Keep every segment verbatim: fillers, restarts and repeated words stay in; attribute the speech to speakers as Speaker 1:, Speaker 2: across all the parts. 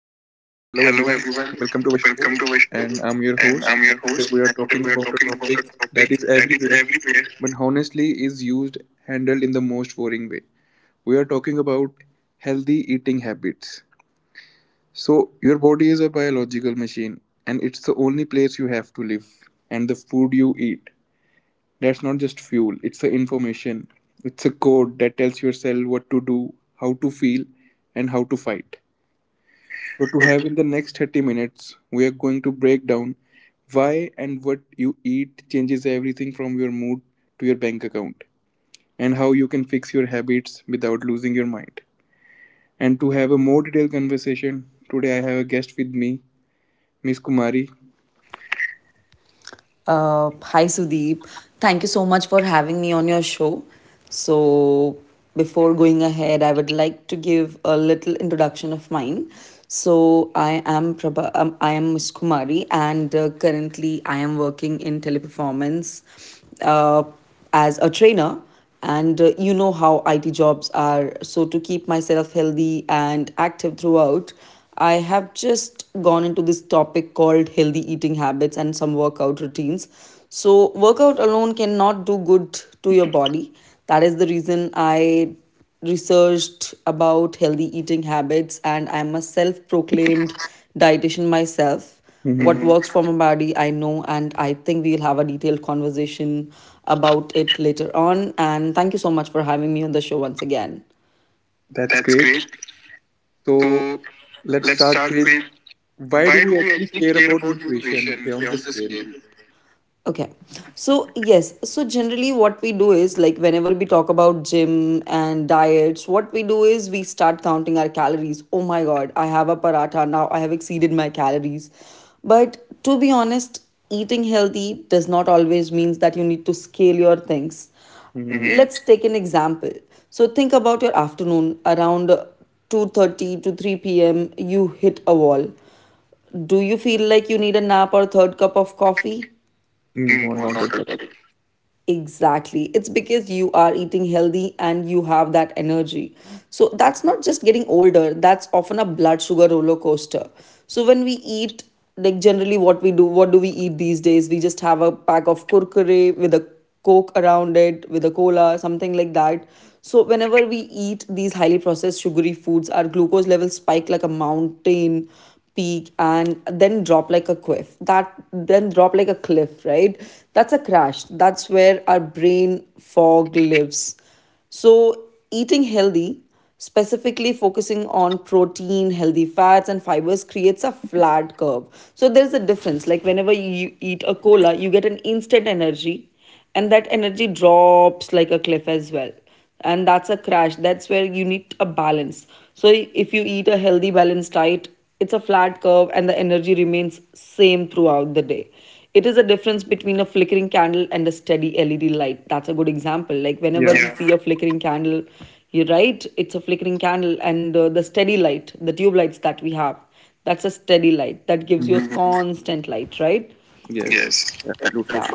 Speaker 1: Hello,
Speaker 2: everyone.
Speaker 1: everyone,
Speaker 2: Welcome to our show, and I'm
Speaker 1: and
Speaker 2: your
Speaker 1: I'm your
Speaker 2: host. And
Speaker 1: host.
Speaker 2: today we are talking about a topic that is
Speaker 1: Big-
Speaker 2: everywhere,
Speaker 1: Big-
Speaker 2: but honestly is used handled in the most boring way. We are talking about healthy eating habits. So your body is a biological machine, and it's the only place you have to live. And the food you eat, that's not just fuel; it's the information. It's a code that tells your cell what to do, how to feel, and how to fight. So, to have in the next thirty minutes, we are going to break down why and what you eat changes everything from your mood to your bank account, and how you can fix your habits without losing your mind. And to have a more detailed conversation, today I have a guest with me, Miss Kumari.
Speaker 1: Uh, hi Sudeep, thank you so much for having me on your show. So, before going ahead, I would like to give a little introduction of mine. So, I am Prabha, um, I am Miss Kumari, and uh, currently I am working in teleperformance. Uh, as a trainer and uh, you know how I T jobs are. So, to keep myself healthy and active throughout, I have just gone into this topic called healthy eating habits and some workout routines. So, workout alone cannot do good to your body. That is the reason I researched about healthy eating habits, and I'm a self proclaimed dietitian myself. What
Speaker 2: Hmm.
Speaker 1: works for my body I know, and I think we'll have a detailed conversation about it later on. And thank you so much for having me on the show once again.
Speaker 2: That's
Speaker 1: That's
Speaker 2: great.
Speaker 1: great.
Speaker 2: So, let's start with, why do we actually care about nutrition beyond the scale?
Speaker 1: Okay. So, yes. So, generally, what we do is like whenever we talk about gym and diets, what we do is we start counting our calories. Oh my God, I have a paratha. Now I have exceeded my calories. But to be honest, eating healthy does not always means that you need to scale your things.
Speaker 2: Hmm.
Speaker 1: Mm-hmm. Let's take an example. So, think about your afternoon around two thirty to three p m You hit a wall. Do you feel like you need a nap or a third cup of coffee?
Speaker 2: No, not at all.
Speaker 1: Exactly. It's because you are eating healthy and you have that energy. So that's not just getting older, that's often a blood sugar roller coaster. So when we eat, like generally what we do, what do we eat these days? We just have a pack of kurkure with a coke around it, with a cola, something like that. So whenever we eat these highly processed sugary foods, our glucose levels spike like a mountain peak and then drop like a cliff that then drop like a cliff, right? That's a crash. That's where our brain fog lives. So eating healthy, specifically focusing on protein, healthy fats and fibers, creates a flat curve. So there's a difference, like whenever you eat a cola you get an instant energy, and that energy drops like a cliff as well. And that's a crash. That's where you need a balance. So if you eat a healthy balanced diet, it's a flat curve and the energy remains same throughout the day. It is a difference between a flickering candle and a steady led light. That's a good example. Like whenever
Speaker 2: Yeah.
Speaker 1: yeah. we Yeah. see a flickering candle, you're right, it's a flickering candle, and uh, the steady light, the tube lights that we have, that's a steady light that gives you a mm-hmm.
Speaker 2: Hmm.
Speaker 1: constant light, right?
Speaker 2: Yes,
Speaker 1: Yes.
Speaker 2: absolutely.
Speaker 1: Yeah.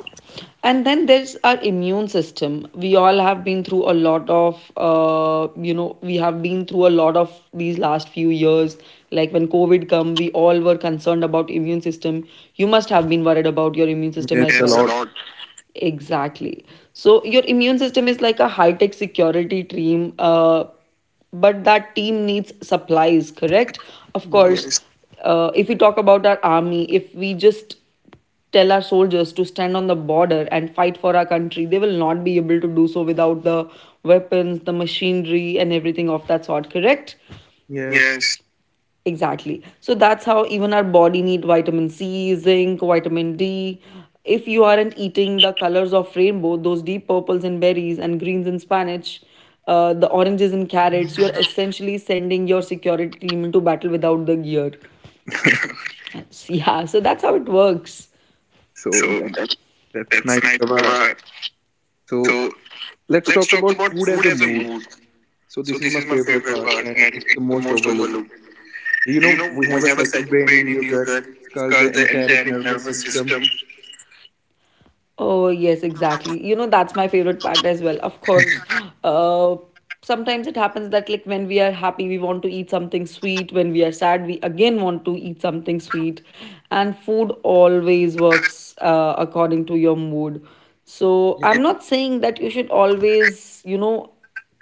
Speaker 1: And then there's our immune system. We all have been through a lot of uh, you know We have been through a lot of these last few years. Like when covid came, we all were concerned about immune system. You must have been worried about your immune system
Speaker 2: Yes, a
Speaker 1: as
Speaker 2: lot.
Speaker 1: out. Exactly. So your immune system is like a high tech security team, uh, but that team needs supplies, correct? Of course,
Speaker 2: Yes.
Speaker 1: yes. uh, if we talk about our army, if we just tell our soldiers to stand on the border and fight for our country, they will not be able to do so without the weapons, the machinery, and everything of that sort, correct?
Speaker 2: Yes,
Speaker 1: Yes. Exactly. So that's how even our body need vitamin C, zinc, vitamin D. If you aren't eating the colors of rainbow, those deep purples and berries and greens in spinach, uh, the oranges and carrots, you're essentially sending your security team into battle without the gear. That's- Yeah, so that's how it works.
Speaker 2: so
Speaker 1: So
Speaker 2: that,
Speaker 1: that,
Speaker 2: that's
Speaker 1: that's
Speaker 2: nice, Prabha.
Speaker 1: my.
Speaker 2: So
Speaker 1: So
Speaker 2: let's
Speaker 1: let's
Speaker 2: talk
Speaker 1: talk
Speaker 2: about
Speaker 1: about
Speaker 2: food
Speaker 1: food
Speaker 2: as a
Speaker 1: as a
Speaker 2: mood.
Speaker 1: mood.
Speaker 2: So
Speaker 1: So
Speaker 2: this is
Speaker 1: this
Speaker 2: my
Speaker 1: is my
Speaker 2: favorite
Speaker 1: favorite
Speaker 2: part,
Speaker 1: part,
Speaker 2: and
Speaker 1: and
Speaker 2: it's the
Speaker 1: it's the
Speaker 2: most
Speaker 1: most
Speaker 2: overlooked.
Speaker 1: overlooked.
Speaker 2: Do you
Speaker 1: Do you
Speaker 2: know
Speaker 1: know,
Speaker 2: we
Speaker 1: we
Speaker 2: have a second brain in your gut? It's called the
Speaker 1: discuss the entire
Speaker 2: enteric nervous system.
Speaker 1: ecosystem. Oh, yes, exactly. You know, that's my favorite part as well. Of course, uh, sometimes it happens that, like, when we are happy, we want to eat something sweet. When we are sad, we again want to eat something sweet. And food always works uh, according to your mood. So,
Speaker 2: Yeah.
Speaker 1: I'm not saying that you should always, you know,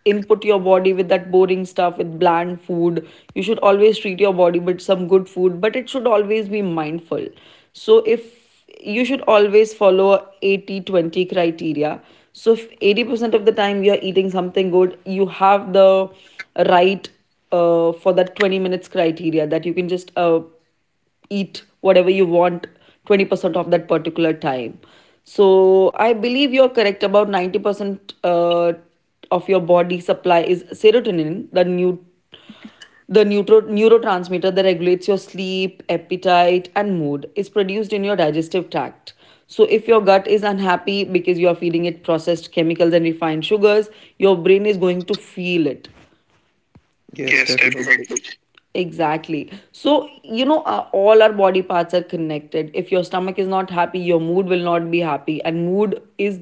Speaker 1: input your body with that boring stuff, with bland food. You should always treat your body with some good food, but it should always be mindful. So if you should always follow eighty twenty criteria. So if eighty percent of the time you're eating something good, you have the right, uh, for that twenty minutes criteria, that you can just uh, eat whatever you want twenty percent of that particular time. So I believe you're correct. About ninety percent uh, of your body supply is serotonin. The new the neutro- neurotransmitter that regulates your sleep, appetite, and mood is produced in your digestive tract. So, if your gut is unhappy because you are feeding it processed chemicals and refined sugars, your brain is going to feel it.
Speaker 2: Yes,
Speaker 1: Yes,
Speaker 2: definitely.
Speaker 1: definitely. Exactly. So, you know, uh, all our body parts are connected. If your stomach is not happy, your mood will not be happy, and mood is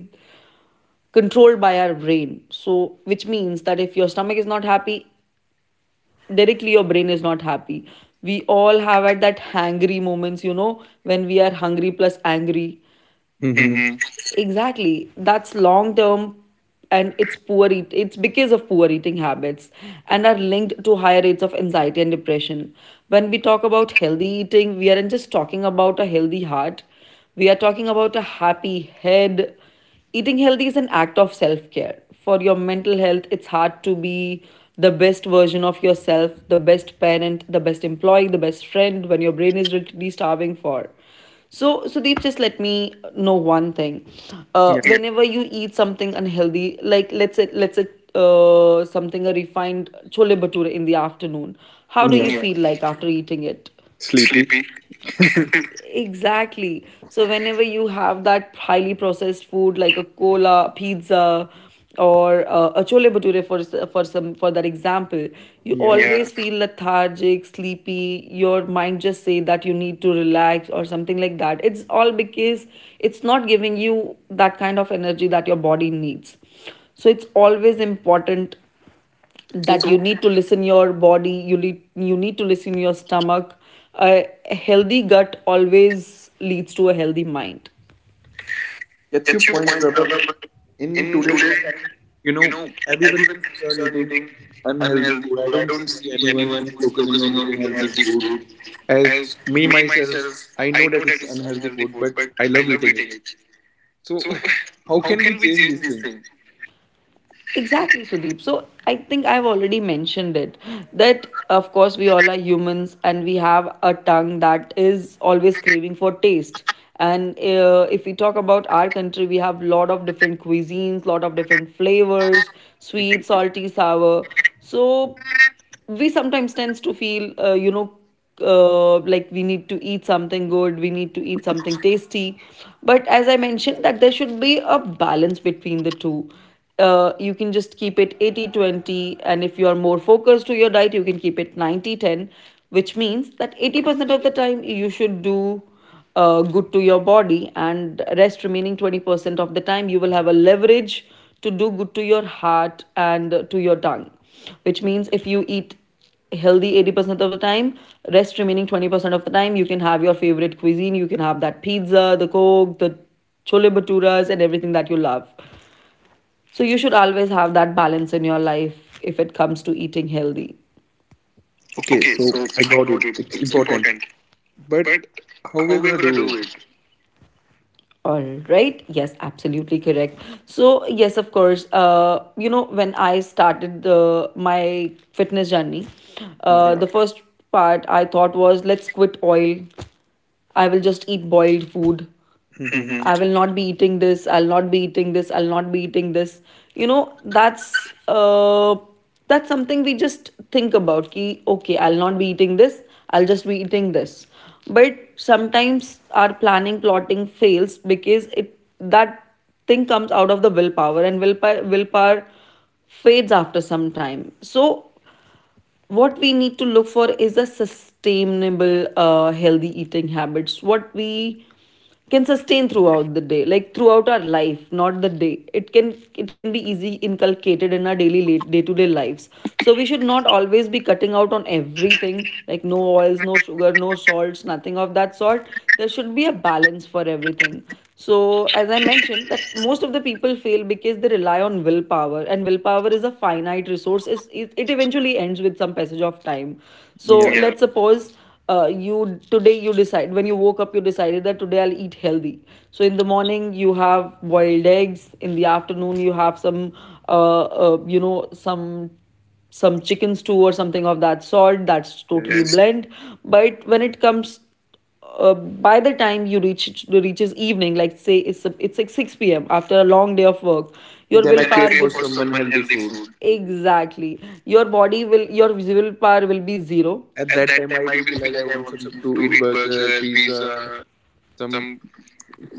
Speaker 1: controlled by our brain. So, which means that if your stomach is not happy, directly your brain is not happy. We all have at that hangry moments, you know, when we are hungry plus angry.
Speaker 2: Mm-hmm.
Speaker 1: Exactly. That's long term, and it's poor eat- it's because of poor eating habits, and are linked to higher rates of anxiety and depression. When we talk about healthy eating, we aren't just talking about a healthy heart. We are talking about a happy head. Eating healthy is an act of self-care. For your mental health, it's hard to be the best version of yourself, the best parent, the best employee, the best friend when your brain is literally starving. For so, Sudeep, just let me know one thing. Uh,
Speaker 2: Yeah.
Speaker 1: whenever you eat something unhealthy, like let's say, let's say uh, something, a refined chole bhature in the afternoon, how do
Speaker 2: Yeah.
Speaker 1: you Yeah. feel like after eating it?
Speaker 2: Sleepy.
Speaker 1: Exactly. So whenever you have that highly processed food, like a cola, pizza, or uh, a chole bhature, for for some for that example, you
Speaker 2: Yeah.
Speaker 1: always Yeah. feel lethargic, sleepy, your mind just say that you need to relax or something like that. It's all because it's not giving you that kind of energy that your body needs. So it's always important
Speaker 2: So
Speaker 1: that you need to listen your body. You need you need to listen your stomach. A healthy gut always leads to a healthy mind.
Speaker 2: get your point, Prabha. But in today's time,
Speaker 1: Today
Speaker 2: you know, everyone
Speaker 1: everyone
Speaker 2: focuses
Speaker 1: thinks
Speaker 2: on
Speaker 1: uh,
Speaker 2: eating unhealthy food. I don't see anyone who is focusing on eating healthy
Speaker 1: healthy
Speaker 2: food.
Speaker 1: food.
Speaker 2: As
Speaker 1: As
Speaker 2: me
Speaker 1: me
Speaker 2: myself,
Speaker 1: myself,
Speaker 2: I
Speaker 1: I
Speaker 2: know
Speaker 1: know
Speaker 2: that
Speaker 1: that
Speaker 2: it's
Speaker 1: it's
Speaker 2: unhealthy
Speaker 1: unhealthy
Speaker 2: food,
Speaker 1: food,
Speaker 2: but
Speaker 1: but
Speaker 2: I
Speaker 1: I
Speaker 2: love
Speaker 1: love
Speaker 2: eating
Speaker 1: eating
Speaker 2: it.
Speaker 1: it.
Speaker 2: So
Speaker 1: So
Speaker 2: how
Speaker 1: how
Speaker 2: can we
Speaker 1: can we
Speaker 2: change
Speaker 1: change
Speaker 2: this
Speaker 1: this
Speaker 2: thing?
Speaker 1: thing? Exactly, Sudeep. So I think I've already mentioned it that, of course, we all are humans and we have a tongue that is always craving for taste. And uh, if we talk about our country, we have lot of different cuisines, lot of different flavors,
Speaker 2: Like,
Speaker 1: sweet, salty, sour. So we sometimes tends to feel, uh, you know, uh, like we need to eat something good, we need to eat something tasty. But as I mentioned, that there should be a balance between the two. Uh, you can just keep it eighty twenty, and if you are more focused to your diet, you can keep it ninety ten. Which means that eighty percent of the time you should do uh, good to your body, and rest remaining twenty percent of the time you will have a leverage to do good to your heart and to your tongue. Which means if you eat healthy eighty percent of the time, rest remaining twenty percent of the time you can have your favorite cuisine, you can have that pizza, the coke, the chole bhaturas and everything that you love. So you should always have that balance in your life if it comes to eating healthy.
Speaker 2: okay,
Speaker 1: Okay,
Speaker 2: so
Speaker 1: so
Speaker 2: I
Speaker 1: I
Speaker 2: got
Speaker 1: got
Speaker 2: it.
Speaker 1: it.
Speaker 2: It's
Speaker 1: It's
Speaker 2: important,
Speaker 1: important.
Speaker 2: but how we're gonna do it?
Speaker 1: All right. Yes, absolutely correct. So, yes, of course, uh, you know, when I started the, my fitness journey,
Speaker 2: Yeah.
Speaker 1: uh, the first part I thought was, let's quit oil, I will just eat boiled food. Mm-hmm.
Speaker 2: Hmm.
Speaker 1: I will not be eating this. I'll not be eating this. I'll not be eating this. You know, that's uh, that's something we just think about. Ki, okay, I'll not be eating this. I'll just be eating this. But sometimes our planning plotting fails because it that thing comes out of the willpower, and willpower willpower fades after some time. So what we need to look for is a sustainable uh, healthy eating habits what we can sustain throughout the day, like throughout our life, not the day. It can it can be easy inculcated in our daily day to day lives. So we should not always be cutting out on everything, like no oils, no sugar, no salts, nothing of that sort. There should be a balance for everything. So, as I mentioned, that most of the people fail because they rely on willpower, and willpower is a finite resource. It's, it, it eventually ends with some passage of time. So,
Speaker 2: Yeah.
Speaker 1: yeah, let's suppose uh, you today you decide, when you woke up, you decided that today I'll eat healthy. So, in the morning, you have boiled eggs. In the afternoon, you have some, uh, uh, you know, some some chicken stew or something of that sort, that's totally,
Speaker 2: Yes.
Speaker 1: yes, bland. But when it comes, uh, by the time you reach reaches evening, like say it's a, it's like six p m after a long day of work, your
Speaker 2: Then I
Speaker 1: willpower
Speaker 2: crave for some unhealthy food.
Speaker 1: will, exactly, your body will, your willpower will be zero.
Speaker 2: At that time, I will be like, I want some to eat burger, pizza, some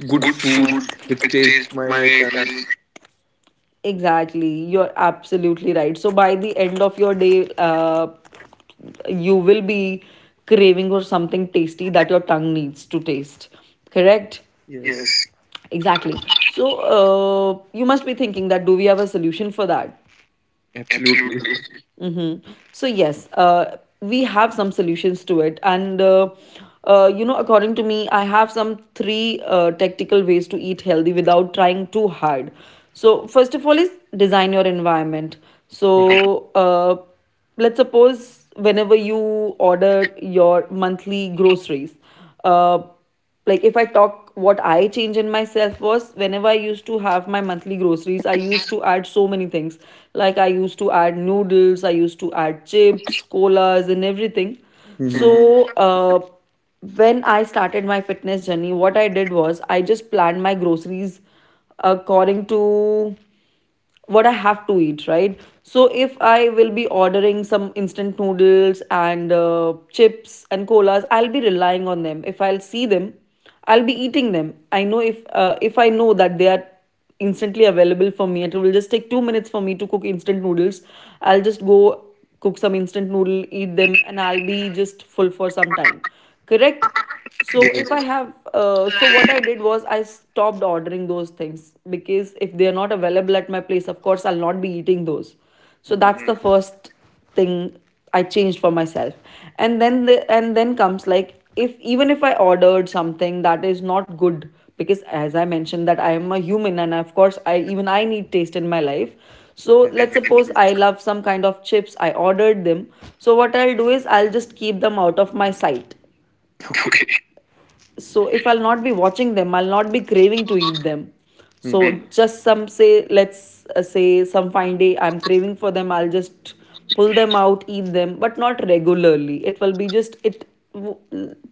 Speaker 2: good
Speaker 1: Good
Speaker 2: food
Speaker 1: food
Speaker 2: which taste
Speaker 1: with
Speaker 2: my
Speaker 1: my
Speaker 2: tongue.
Speaker 1: parents. Exactly, you're absolutely right. So by the end of your day, uh, you will be craving for something tasty that your tongue needs to taste. Correct?
Speaker 2: Yes.
Speaker 1: Yes. Exactly. So uh, you must be thinking that do we have a solution for that?
Speaker 2: Absolutely.
Speaker 1: Absolutely. Mm-hmm. So yes, uh, we have some solutions to it, and uh, uh, you know, according to me, I have some three uh, tactical ways to eat healthy without trying too hard. So first of all is design your environment.
Speaker 2: Okay.
Speaker 1: So uh, let's suppose whenever you order your monthly groceries, uh, like if I talk, what I change in myself was whenever I used to have my monthly groceries, I used to add so many things. Like I used to add noodles, I used to add chips, colas, and everything.
Speaker 2: Hmm.
Speaker 1: So uh, when I started my fitness journey, what I did was I just planned my groceries according to what I have to eat, right? So if I will be ordering some instant noodles and uh, chips and colas, I'll be relying on them. If I'll see them, I'll be eating them. I know if uh, if I know that they are instantly available for me, it will just take two minutes for me to cook instant noodles. I'll just go cook some instant noodle, eat them, and I'll be just full for some time. Correct? So if
Speaker 2: Yes.
Speaker 1: I have, uh, so what I did was I stopped ordering those things, because if they are not available at my place, of course I'll not be eating those. So
Speaker 2: Hmm.
Speaker 1: that's the first thing I changed for myself, and then the, and then comes like, if even if I ordered something that is not good, because as I mentioned that I am a human, and of course I, even I need taste in my life. So let's
Speaker 2: Definitely.
Speaker 1: suppose I love some kind of chips. I ordered them. So what I'll do is I'll just keep them out of my sight.
Speaker 2: Okay.
Speaker 1: Okay, so if I'll not be watching them, I'll not be craving to eat them. So
Speaker 2: Hmm.
Speaker 1: just some say, let's uh, say some fine day I'm craving for them, I'll just pull them out, eat them, but not regularly. It will be just it,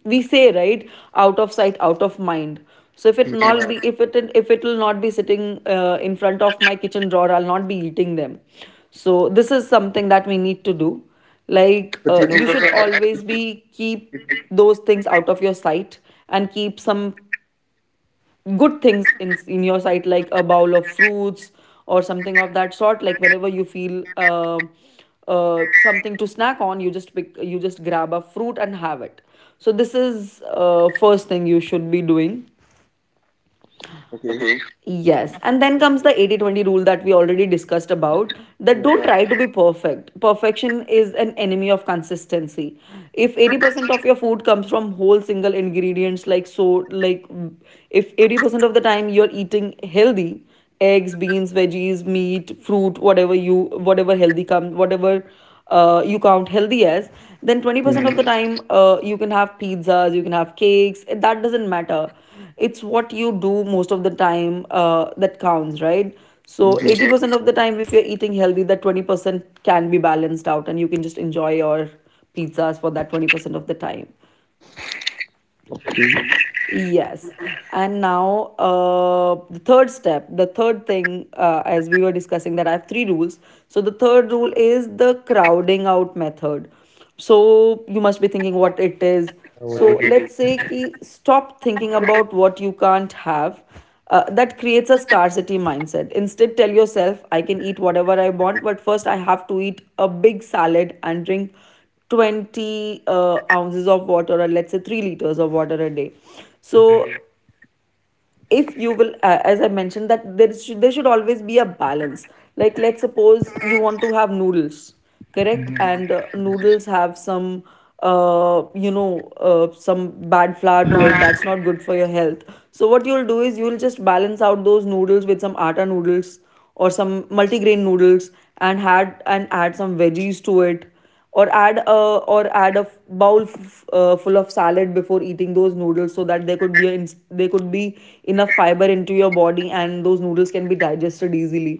Speaker 1: we say, right? Out of sight, out of mind. So if it
Speaker 2: Yeah.
Speaker 1: not be, if it, if it will not be sitting, uh, in front of my kitchen drawer, I'll not be eating them. So this is something that we need to do. Like
Speaker 2: But
Speaker 1: uh,
Speaker 2: you know,
Speaker 1: you should
Speaker 2: Prabha, I-
Speaker 1: always be keep those things out of your sight, and keep some good things in in your sight, like a bowl of fruits or something of that sort. Like whenever you feel uh, uh, something to snack on, you just pick, you just grab a fruit and have it. So this is uh, first thing you should be doing.
Speaker 2: okay.
Speaker 1: Okay. Yes. And then comes the eighty twenty rule that we already discussed about, that
Speaker 2: Yeah.
Speaker 1: don't try to be perfect. Perfection is an enemy of consistency. If eighty percent of your food comes from whole single ingredients, like so, like if eighty percent of the time you're eating healthy, eggs, beans, veggies, meat, fruit, whatever you, whatever healthy come, whatever uh, you count healthy as, then
Speaker 2: Hmm.
Speaker 1: twenty percent of the time uh, you can have pizzas, you can have cakes. That doesn't matter. It's what you do most of the time uh, that counts, right? So
Speaker 2: Yeah.
Speaker 1: eighty percent of the time, if you're eating healthy, that twenty percent can be balanced out and you can just enjoy your pizzas for that twenty percent of the time.
Speaker 2: Okay.
Speaker 1: Yes. And now, uh, the third step, the third thing, uh, as we were discussing, that I have three rules. So, the third rule is the crowding out method. So, you must be thinking what it is.
Speaker 2: I What
Speaker 1: So,
Speaker 2: it is.
Speaker 1: let's say ki stop thinking about what you can't have. Uh, that creates a scarcity mindset. Instead, tell yourself, I can eat whatever I want, but first I have to eat a big salad and drink twenty uh, ounces of water, or let's say three liters of water a day. So if you will, uh, as I mentioned that there should, there should always be a balance. Like let's suppose you want to have noodles, correct? And uh, noodles have some, uh, you know uh, some bad flour to it, that's not good for your health. So what you'll do is you'll just balance out those noodles with some atta noodles or some multigrain noodles, and had, and add some veggies to it, or add a or add a bowl f- uh, full of salad before eating those noodles, so that there could be a, there could be enough fiber into your body and those noodles can be digested easily.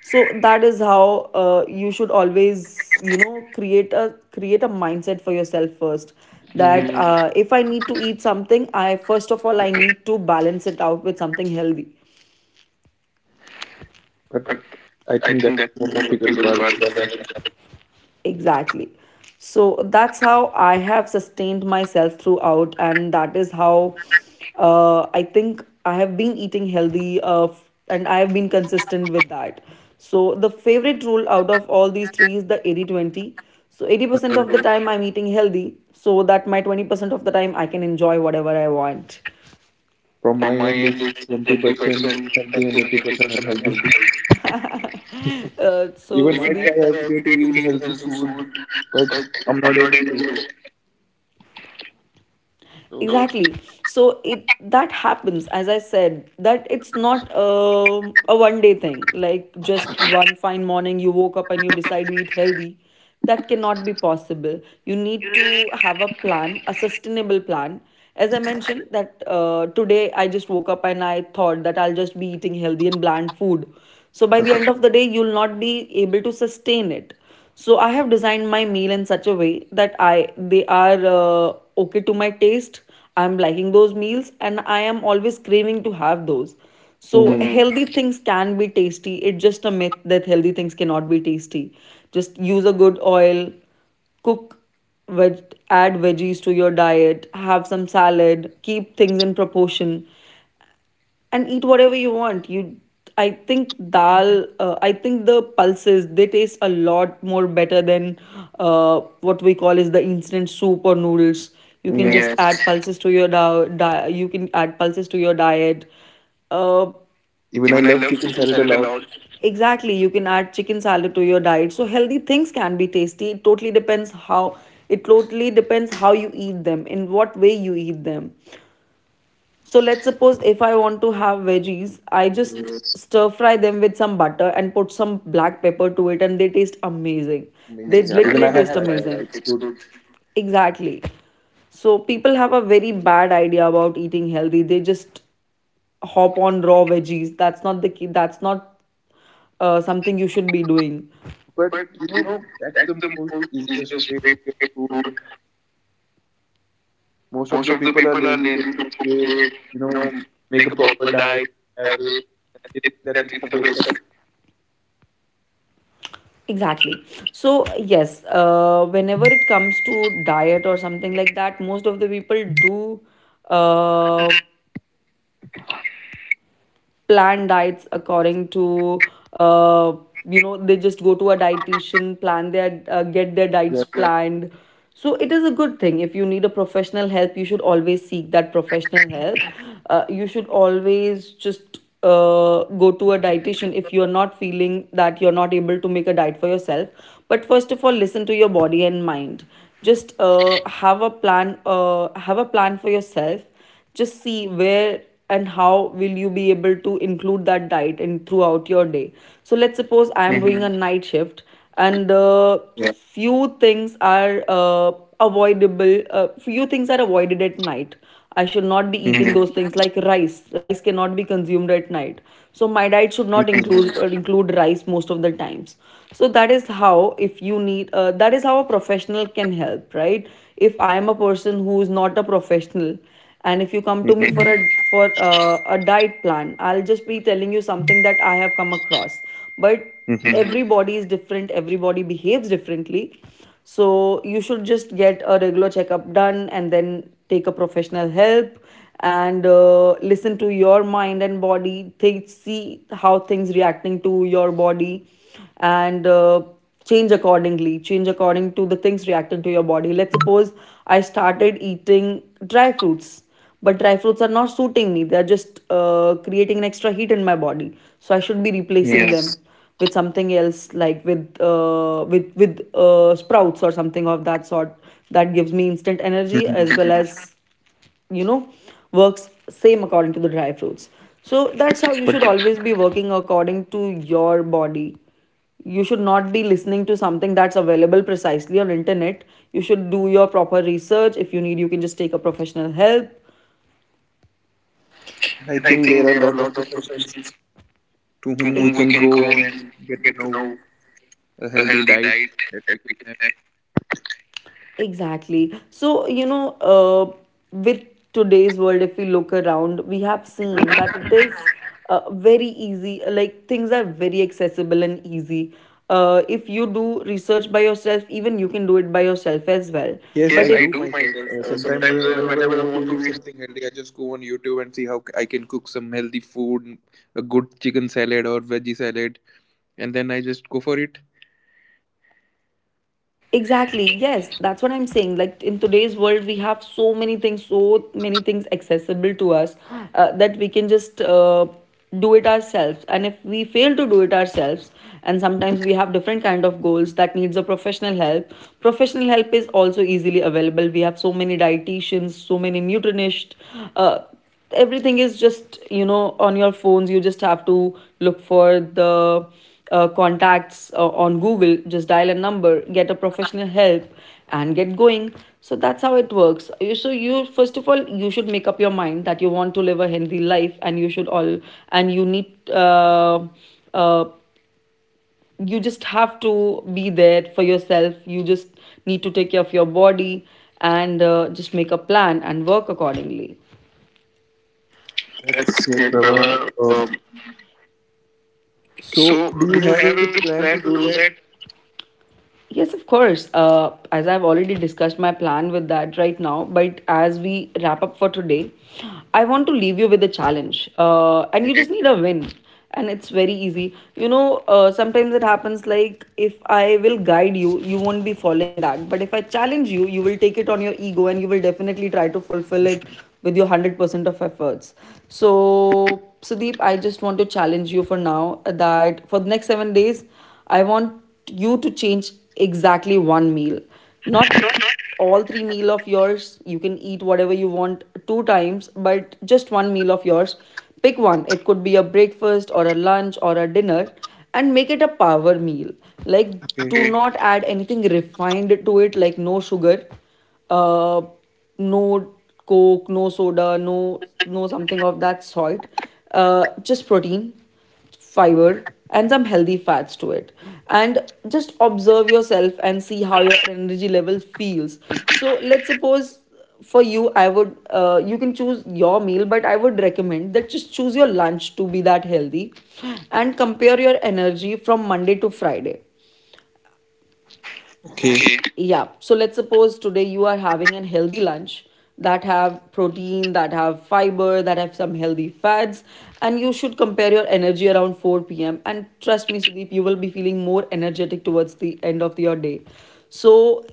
Speaker 1: So that is how, uh, you should always, you know, create a, create a mindset for yourself first, that
Speaker 2: Mm-hmm.
Speaker 1: uh, if I need to eat something, I first of all I need to balance it out with something healthy.
Speaker 2: But I think that's the more difficult part to balance.
Speaker 1: I. Exactly. So that's how I have sustained myself throughout, and that is how uh, I think I have been eating healthy uh, f- and I have been consistent with that. So, the favorite rule out of all these three is the eighty twenty. So, eighty percent of the
Speaker 2: Okay.
Speaker 1: time I'm eating healthy, so that my twenty percent of the time I can enjoy whatever I want.
Speaker 2: From my end, it's twenty percent healthy and eighty percent unhealthy.
Speaker 1: Uh, so,
Speaker 2: Even I try every day to eat healthy food, but I'm not able to. So,
Speaker 1: exactly so it that happens, as I said, that it's not um, a one day thing, like just one fine morning you woke up and you decide to eat healthy. That cannot be possible. You need to have a plan, a sustainable plan. As I mentioned that uh, today I just woke up and I thought that I'll just be eating healthy and bland food. So by the
Speaker 2: okay.
Speaker 1: end of the day you'll not be able to sustain it. So I have designed my meal in such a way that I, they are uh, okay to my taste. I'm liking those meals and I am always craving to have those. So
Speaker 2: Mm-hmm.
Speaker 1: healthy things can be tasty. It's just a myth that healthy things cannot be tasty. Just use a good oil, cook, veg- add veggies to your diet, have some salad, keep things in proportion, and eat whatever you want. You, I think dal. Uh, I think the pulses they taste a lot more better than uh, what we call is the instant soup or noodles. You can
Speaker 2: Yeah.
Speaker 1: just, yes, add pulses to your da- di- You can add pulses to your diet. Uh,
Speaker 2: Even I love chicken salad a lot.
Speaker 1: exactly, you can add chicken salad to your diet. So healthy things can be tasty. It totally depends how. It totally depends how you eat them, in what way you eat them. So let's suppose if I want to have veggies, I just
Speaker 2: Yes.
Speaker 1: stir fry them with some butter and put some black pepper to it, and they taste amazing. They
Speaker 2: Amazing. Yeah. Even
Speaker 1: literally
Speaker 2: I have
Speaker 1: taste
Speaker 2: tried that.
Speaker 1: amazing.
Speaker 2: It's good.
Speaker 1: Exactly. So people have a very bad idea about eating healthy. They just hop on raw veggies. That's not the key. That's not uh, something you should be doing.
Speaker 2: But, you
Speaker 1: You
Speaker 2: know,
Speaker 1: know,
Speaker 2: that's
Speaker 1: that's
Speaker 2: the
Speaker 1: the
Speaker 2: most
Speaker 1: most
Speaker 2: easiest
Speaker 1: easiest
Speaker 2: way to
Speaker 1: way to
Speaker 2: get
Speaker 1: get
Speaker 2: food.
Speaker 1: food.
Speaker 2: Most of
Speaker 1: Most
Speaker 2: the
Speaker 1: of the
Speaker 2: people
Speaker 1: you
Speaker 2: are lazy to
Speaker 1: to
Speaker 2: cook
Speaker 1: cook
Speaker 2: it,
Speaker 1: it,
Speaker 2: you know,
Speaker 1: you know,
Speaker 2: make a
Speaker 1: make a
Speaker 2: proper
Speaker 1: proper
Speaker 2: diet.
Speaker 1: diet, have
Speaker 2: Have it,
Speaker 1: it.
Speaker 2: and it-
Speaker 1: It, that
Speaker 2: that
Speaker 1: it's
Speaker 2: it's
Speaker 1: a
Speaker 2: a waste
Speaker 1: waste
Speaker 2: of,
Speaker 1: exactly so yes, uh, whenever it comes to diet or something like that, most of the people do uh, plan diets according to, uh, you know, they just go to a dietitian, plan their uh, get their diets
Speaker 2: yeah.
Speaker 1: planned. So it is a good thing. If you need a professional help, you should always seek that professional help. Uh, you should always just uh, go to a dietitian if you're not feeling that you're not able to make a diet for yourself. But first of all, listen to your body and mind. Just uh, have a plan, uh, have a plan for yourself. Just see where and how will you be able to include that diet in throughout your day. So let's suppose I am
Speaker 2: Mm-hmm.
Speaker 1: doing a night shift and uh,
Speaker 2: Yeah.
Speaker 1: few things are uh, avoidable. Uh, few things are avoided at night. I should not be
Speaker 2: Mm-hmm.
Speaker 1: eating those things, like rice rice cannot be consumed at night. So my diet should not
Speaker 2: Mm-hmm.
Speaker 1: include uh, include rice most of the times. So that is how, if you need, uh, that is how a professional can help, right? If I am a person who is not a professional, and if you come to me for
Speaker 2: Mm-hmm.
Speaker 1: a for uh, a diet plan, I'll just be telling you something that I have come across. But
Speaker 2: Mm-hmm.
Speaker 1: everybody is different, everybody behaves differently. So you should just get a regular checkup done, and then take a professional help, and uh, listen to your mind and body, think, see how things reacting to your body, and uh, change accordingly, change according to the things reacting to your body. Let's suppose I started eating dry fruits, but dry fruits are not suiting me, they're just uh, creating an extra heat in my body. So I should be replacing Yes.
Speaker 2: Yes.
Speaker 1: them with something else, like with uh, with with uh, sprouts or something of that sort that gives me instant
Speaker 2: Mm-hmm.
Speaker 1: energy as well as you know works same according to the dry fruits. So that's how
Speaker 2: But
Speaker 1: you should always be working according to your body. You should not be listening to something that's available precisely on internet. You should do your proper research. If you need, you can just take a professional help.
Speaker 2: and I
Speaker 1: And I
Speaker 2: think there are a lot of professionals
Speaker 1: think
Speaker 2: to whom we can go and get to know a
Speaker 1: a
Speaker 2: healthy
Speaker 1: healthy
Speaker 2: diet
Speaker 1: diet
Speaker 2: that we
Speaker 1: that
Speaker 2: can
Speaker 1: we
Speaker 2: have.
Speaker 1: can. Exactly. So, you know, uh, with today's world, if we look around, we have seen that it is uh, very easy, like things are very accessible and easy. Uh, if you do research by yourself, even you can do it by yourself as well.
Speaker 2: Yes,
Speaker 1: Yes,
Speaker 2: I
Speaker 1: But if I
Speaker 2: do
Speaker 1: do
Speaker 2: myself. Uh,
Speaker 1: myself.
Speaker 2: sometimes uh, whenever I want to eat
Speaker 1: Uh,
Speaker 2: something healthy, I just go on YouTube and see how c- I can cook some healthy food, a good chicken salad or veggie salad, and then I just go for it.
Speaker 1: Exactly. Yes, that's what I'm saying. Like in today's world, we have so many things, so many things accessible to us uh, that we can just uh, do it ourselves. And if we fail to do it ourselves, and sometimes we have different kind of goals that needs a professional help. Professional help is also easily available. We have so many dietitians, so many nutritionists. Uh, Everything is just, you know, on your phones, you just have to look for the uh, contacts uh, on Google, just dial a number, get a professional help and get going. So that's how it works. You- so you first of all, you should make up your mind that you want to live a healthy life, and you should all, and you need, uh, uh, you just have to be there for yourself, you just need to take care of your body, and uh, just make a plan and work accordingly.
Speaker 2: That's
Speaker 1: That's
Speaker 2: great,
Speaker 1: good.
Speaker 2: Prabha. Um, so,
Speaker 1: So
Speaker 2: do you have a
Speaker 1: have a
Speaker 2: plan to
Speaker 1: plan
Speaker 2: do
Speaker 1: to
Speaker 2: that?
Speaker 1: do that? Yes, of course. Uh, as I've already discussed my plan with that right now, but as we wrap up for today, I want to leave you with a challenge. Uh, and you just need a win. And it's very easy. You know, uh, sometimes it happens like if I will guide you, you won't be following that. But if I challenge you, you will take it on your ego, and you will definitely try to fulfill it with your one hundred percent of efforts. So, Sudeep, I just want to challenge you for now that for the next seven days, I want you to change exactly one meal, not all three meal of yours. You can eat whatever you want two times, but just one meal of yours. Pick one. It could be a breakfast or a lunch or a dinner, and make it a power meal. Like,
Speaker 2: Okay.
Speaker 1: do not add anything refined to it, like no sugar. Uh no coke, no soda, no, no, something of that sort. Uh, just protein, fiber, and some healthy fats to it, and just observe yourself and see how your energy level feels. So let's suppose for you I would, uh, you can choose your meal, but I would recommend that just choose your lunch to be that healthy, and compare your energy from Monday to Friday.
Speaker 2: Okay.
Speaker 1: Okay, yeah, so let's suppose today you are having a healthy lunch that have protein, that have fiber, that have some healthy fats, and you should compare your energy around four p m, and trust me, Sudeep, you will be feeling more energetic towards the end of your day. So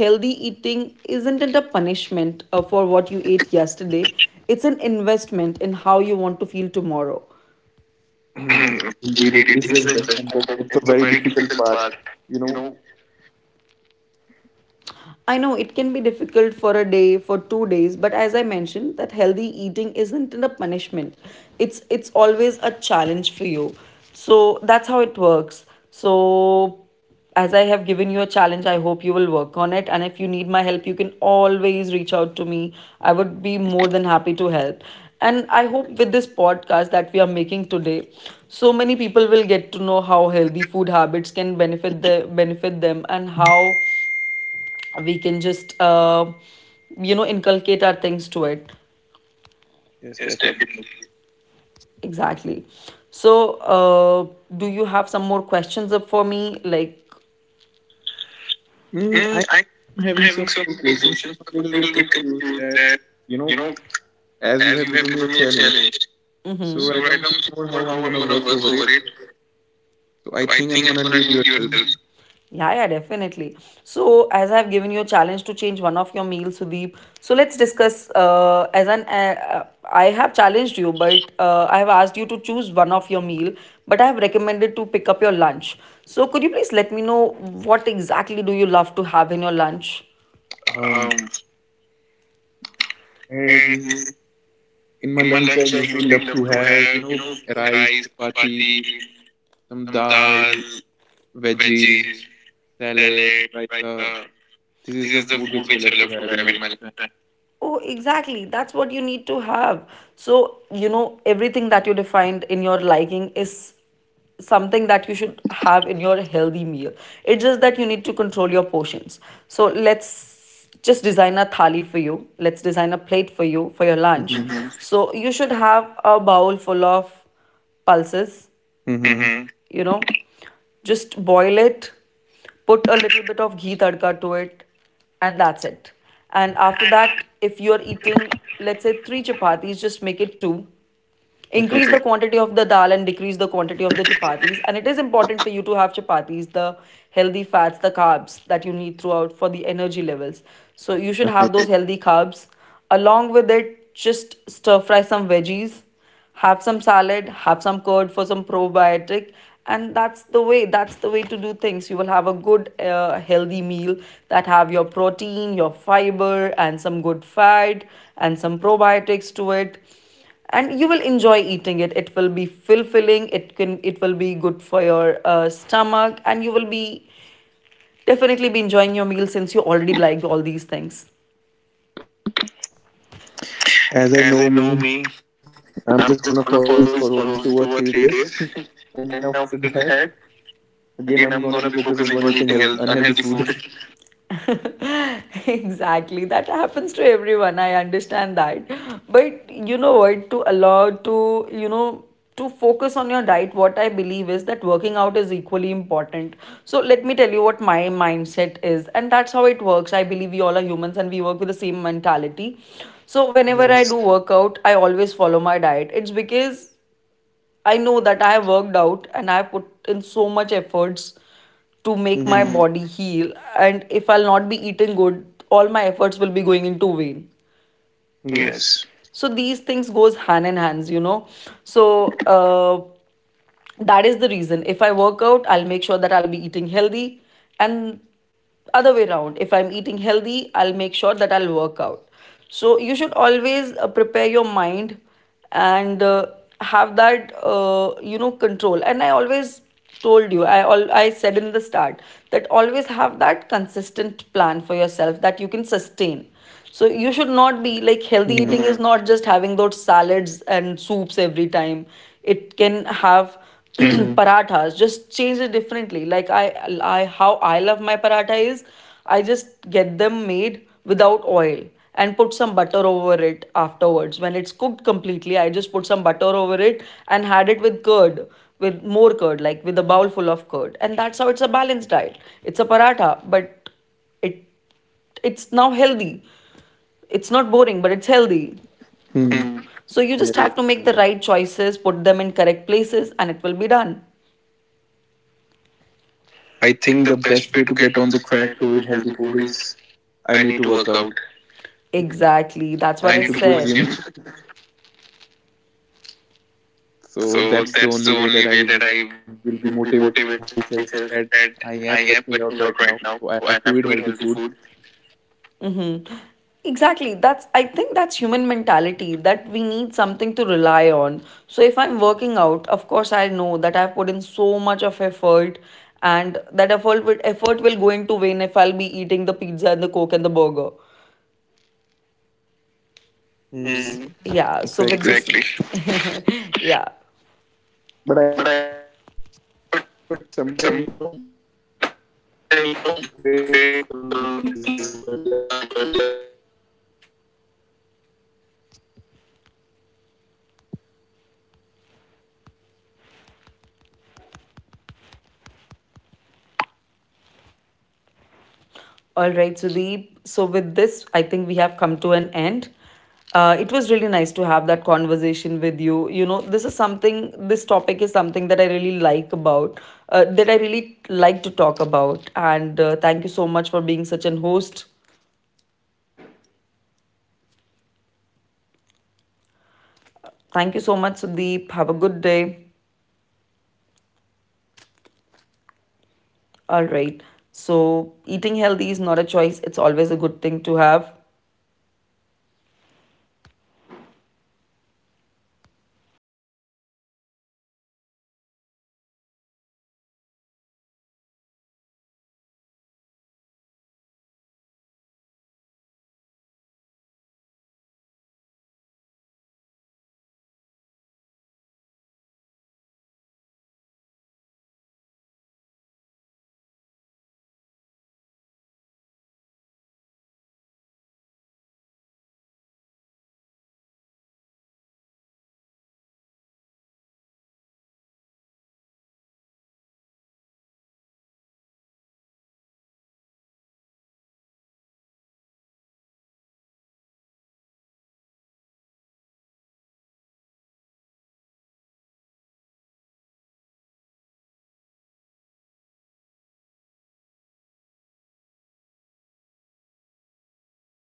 Speaker 1: healthy eating isn't it a punishment uh, for what you ate yesterday, it's an investment in how you want to feel tomorrow.
Speaker 2: Indeed, it is an investment, but it's a very difficult part. You
Speaker 1: You
Speaker 2: know.
Speaker 1: know, I know it can be difficult for a day, for two days, but as I mentioned, that healthy eating isn't a punishment. It's it's always a challenge for you. So that's how it works. So as I have given you a challenge, I hope you will work on it. And if you need my help, you can always reach out to me. I would be more than happy to help. And I hope with this podcast that we are making today, so many people will get to know how healthy food habits can benefit the benefit them, and how we can just uh, you know inculcate our things to it.
Speaker 2: Yes,
Speaker 1: Yes,
Speaker 2: definitely.
Speaker 1: definitely. Exactly. So uh, do you have some more questions up for me, like.
Speaker 2: Mm,
Speaker 1: Mm, I
Speaker 2: I'm having some more questions, but I'm a little bit
Speaker 1: would
Speaker 2: confused
Speaker 1: conclude
Speaker 2: that,
Speaker 1: that
Speaker 2: you know, as you have given me
Speaker 1: for
Speaker 2: a
Speaker 1: me a
Speaker 2: challenge.
Speaker 1: challenge. Mhm.
Speaker 2: So
Speaker 1: So
Speaker 2: right now
Speaker 1: right
Speaker 2: I'm thinking about
Speaker 1: now,
Speaker 2: how I'm
Speaker 1: how I'm
Speaker 2: gonna
Speaker 1: gonna
Speaker 2: work over it.
Speaker 1: over it.
Speaker 2: So I
Speaker 1: So I
Speaker 2: think I'm
Speaker 1: think I'm
Speaker 2: gonna
Speaker 1: gonna
Speaker 2: need
Speaker 1: need
Speaker 2: your
Speaker 1: your
Speaker 2: help.
Speaker 1: help. Yeah, yeah, definitely. So, as I've given you a challenge to change one of your meals, Sudeep. So let's discuss. Uh, as an uh, uh, I have challenged you, but uh, I have asked you to choose one of your meal. But I have recommended to pick up your lunch. So could you please let me know what exactly do you love to have in your lunch? Um,
Speaker 2: Um,
Speaker 1: I
Speaker 2: and in my lunch I usually
Speaker 1: usually
Speaker 2: love
Speaker 1: love
Speaker 2: to
Speaker 1: to
Speaker 2: have, you
Speaker 1: have
Speaker 2: know rice,
Speaker 1: rice,
Speaker 2: chapati,
Speaker 1: chapati,
Speaker 2: some dal,
Speaker 1: dal,
Speaker 2: veggies,
Speaker 1: veggie,
Speaker 2: salad,
Speaker 1: salad.
Speaker 2: raita. This is
Speaker 1: This
Speaker 2: the
Speaker 1: is the
Speaker 2: food which I
Speaker 1: which
Speaker 2: love
Speaker 1: I
Speaker 2: to
Speaker 1: love to
Speaker 2: have in
Speaker 1: have
Speaker 2: my
Speaker 1: in my
Speaker 2: lifetime.
Speaker 1: life. Oh, exactly. That's what you need to have. So, you know, everything that you defined in your liking is something that you should have in your healthy meal. It's just that you need to control your portions. So, let's just design a thali for you. Let's design a plate for you for your lunch.
Speaker 2: Mm-hmm.
Speaker 1: Mm-hmm. So, you should have a bowl full of pulses,
Speaker 2: Mm-hmm.
Speaker 1: mm-hmm, you know, just boil it, put a little bit of ghee tadka to it, and that's it. And after that, if you're eating, let's say three chapatis, just make it two.
Speaker 2: Okay.
Speaker 1: Increase the quantity of the dal and decrease the quantity of the chapatis. And it is important for you to have chapatis, the healthy fats, the carbs that you need throughout for the energy levels. So you should
Speaker 2: Okay.
Speaker 1: have those healthy carbs, along with it just stir fry some veggies, have some salad, have some curd for some probiotic. And that's the way, that's the way to do things. You will have a good uh, healthy meal that have your protein, your fiber, and some good fat, and some probiotics to it. And you will enjoy eating it, it will be fulfilling, it can it will be good for your uh, stomach, and you will be definitely be enjoying your meal since you already liked all these things.
Speaker 2: As I know me, I'm
Speaker 1: As I
Speaker 2: just
Speaker 1: know
Speaker 2: gonna follow
Speaker 1: me,
Speaker 2: this for only two or three
Speaker 1: I'm
Speaker 2: days,
Speaker 1: just gonna follow this for
Speaker 2: and then
Speaker 1: only two
Speaker 2: after
Speaker 1: or three
Speaker 2: that,
Speaker 1: days, and
Speaker 2: again, I'm
Speaker 1: after
Speaker 2: gonna be
Speaker 1: that,
Speaker 2: focusing on eating health,
Speaker 1: again I'm
Speaker 2: unhealthy
Speaker 1: gonna be
Speaker 2: food.
Speaker 1: focusing on eating unhealthy food. Exactly. That happens to everyone. I understand that. But you know what? To allow to, you know, to focus on your diet, what I believe is that working out is equally important. So let me tell you what my mindset is. And that's how it works. I believe we all are humans and we work with the same mentality. So whenever I
Speaker 2: Yes.
Speaker 1: do workout, I always follow my diet. It's because I know that I have worked out and I have put in so much efforts to make my
Speaker 2: Mm-hmm.
Speaker 1: body heal. And if I'll not be eating good, all my efforts will be going into vain. Yes.
Speaker 2: Yes.
Speaker 1: So these things goes hand in hands, you know. So uh, that is the reason, if I work out, I'll make sure that I'll be eating healthy, and other way around, if I'm eating healthy, I'll make sure that I'll work out. So you should always uh, prepare your mind, and uh, have that, uh, you know, control. And I always told you, i all I said in the start, that always have that consistent plan for yourself that you can sustain. So you should not be
Speaker 2: Mm-hmm.
Speaker 1: like healthy eating, mm-hmm, is not just having those salads and soups every time. It can have
Speaker 2: Mm-hmm.
Speaker 1: parathas, just change it differently. Like I I how I love my paratha is, I just get them made without oil and put some butter over it afterwards. When it's cooked completely, I just put some butter over it and had it with curd, with more curd, like with a bowl full of curd. And that's how it's a balanced diet. It's a paratha, but it it's now healthy. It's not boring, but it's healthy.
Speaker 2: Mm. Yes.
Speaker 1: So you just have to make the right choices, put them in correct places, and it will be done.
Speaker 2: I
Speaker 1: I
Speaker 2: think the
Speaker 1: think the
Speaker 2: best way to
Speaker 1: best way to
Speaker 2: get on
Speaker 1: get
Speaker 2: the
Speaker 1: on the
Speaker 2: track
Speaker 1: track
Speaker 2: to eat
Speaker 1: to eat
Speaker 2: healthy
Speaker 1: healthy
Speaker 2: food
Speaker 1: food
Speaker 2: is
Speaker 1: is
Speaker 2: I
Speaker 1: I
Speaker 2: need to
Speaker 1: need to
Speaker 2: work
Speaker 1: work
Speaker 2: out.
Speaker 1: out. Exactly. That's
Speaker 2: I
Speaker 1: what I I,
Speaker 2: need to
Speaker 1: need
Speaker 2: go
Speaker 1: said. To
Speaker 2: gym.
Speaker 1: go gym.
Speaker 2: So
Speaker 1: So
Speaker 2: that's the
Speaker 1: that's
Speaker 2: only
Speaker 1: the
Speaker 2: way that
Speaker 1: only way
Speaker 2: I
Speaker 1: that
Speaker 2: will
Speaker 1: I
Speaker 2: be motivating myself that I am
Speaker 1: that
Speaker 2: working out
Speaker 1: I
Speaker 2: right
Speaker 1: am
Speaker 2: now.
Speaker 1: working
Speaker 2: So I
Speaker 1: out right
Speaker 2: have to
Speaker 1: now
Speaker 2: eat healthy food.
Speaker 1: to eat healthy food. Mm-hmm. Exactly. That's, I think, that's human mentality that we need something to rely on. So if I'm working out, of course I know that I've put in so much of effort, and that effort will, effort will go into vain if I'll be eating the pizza and the coke and the burger.
Speaker 2: Hmm,
Speaker 1: Mm,
Speaker 2: exactly.
Speaker 1: yeah. So with this- exactly. This, yeah.
Speaker 2: But I think I
Speaker 1: But I
Speaker 2: need, but sometimes, you know, it's our human body. We crave for some
Speaker 1: sometimes. All right, Sudeep. So, with this, I think we have come to an end. Uh, it was really nice to have that conversation with you. You know, this is something, this topic is something that I really like about, uh, that I really like to talk about. And uh, thank you so much for being such an host. Thank you so much, Sudeep. Have a good day. All right. So, eating healthy is not a choice, it's always a good thing to have.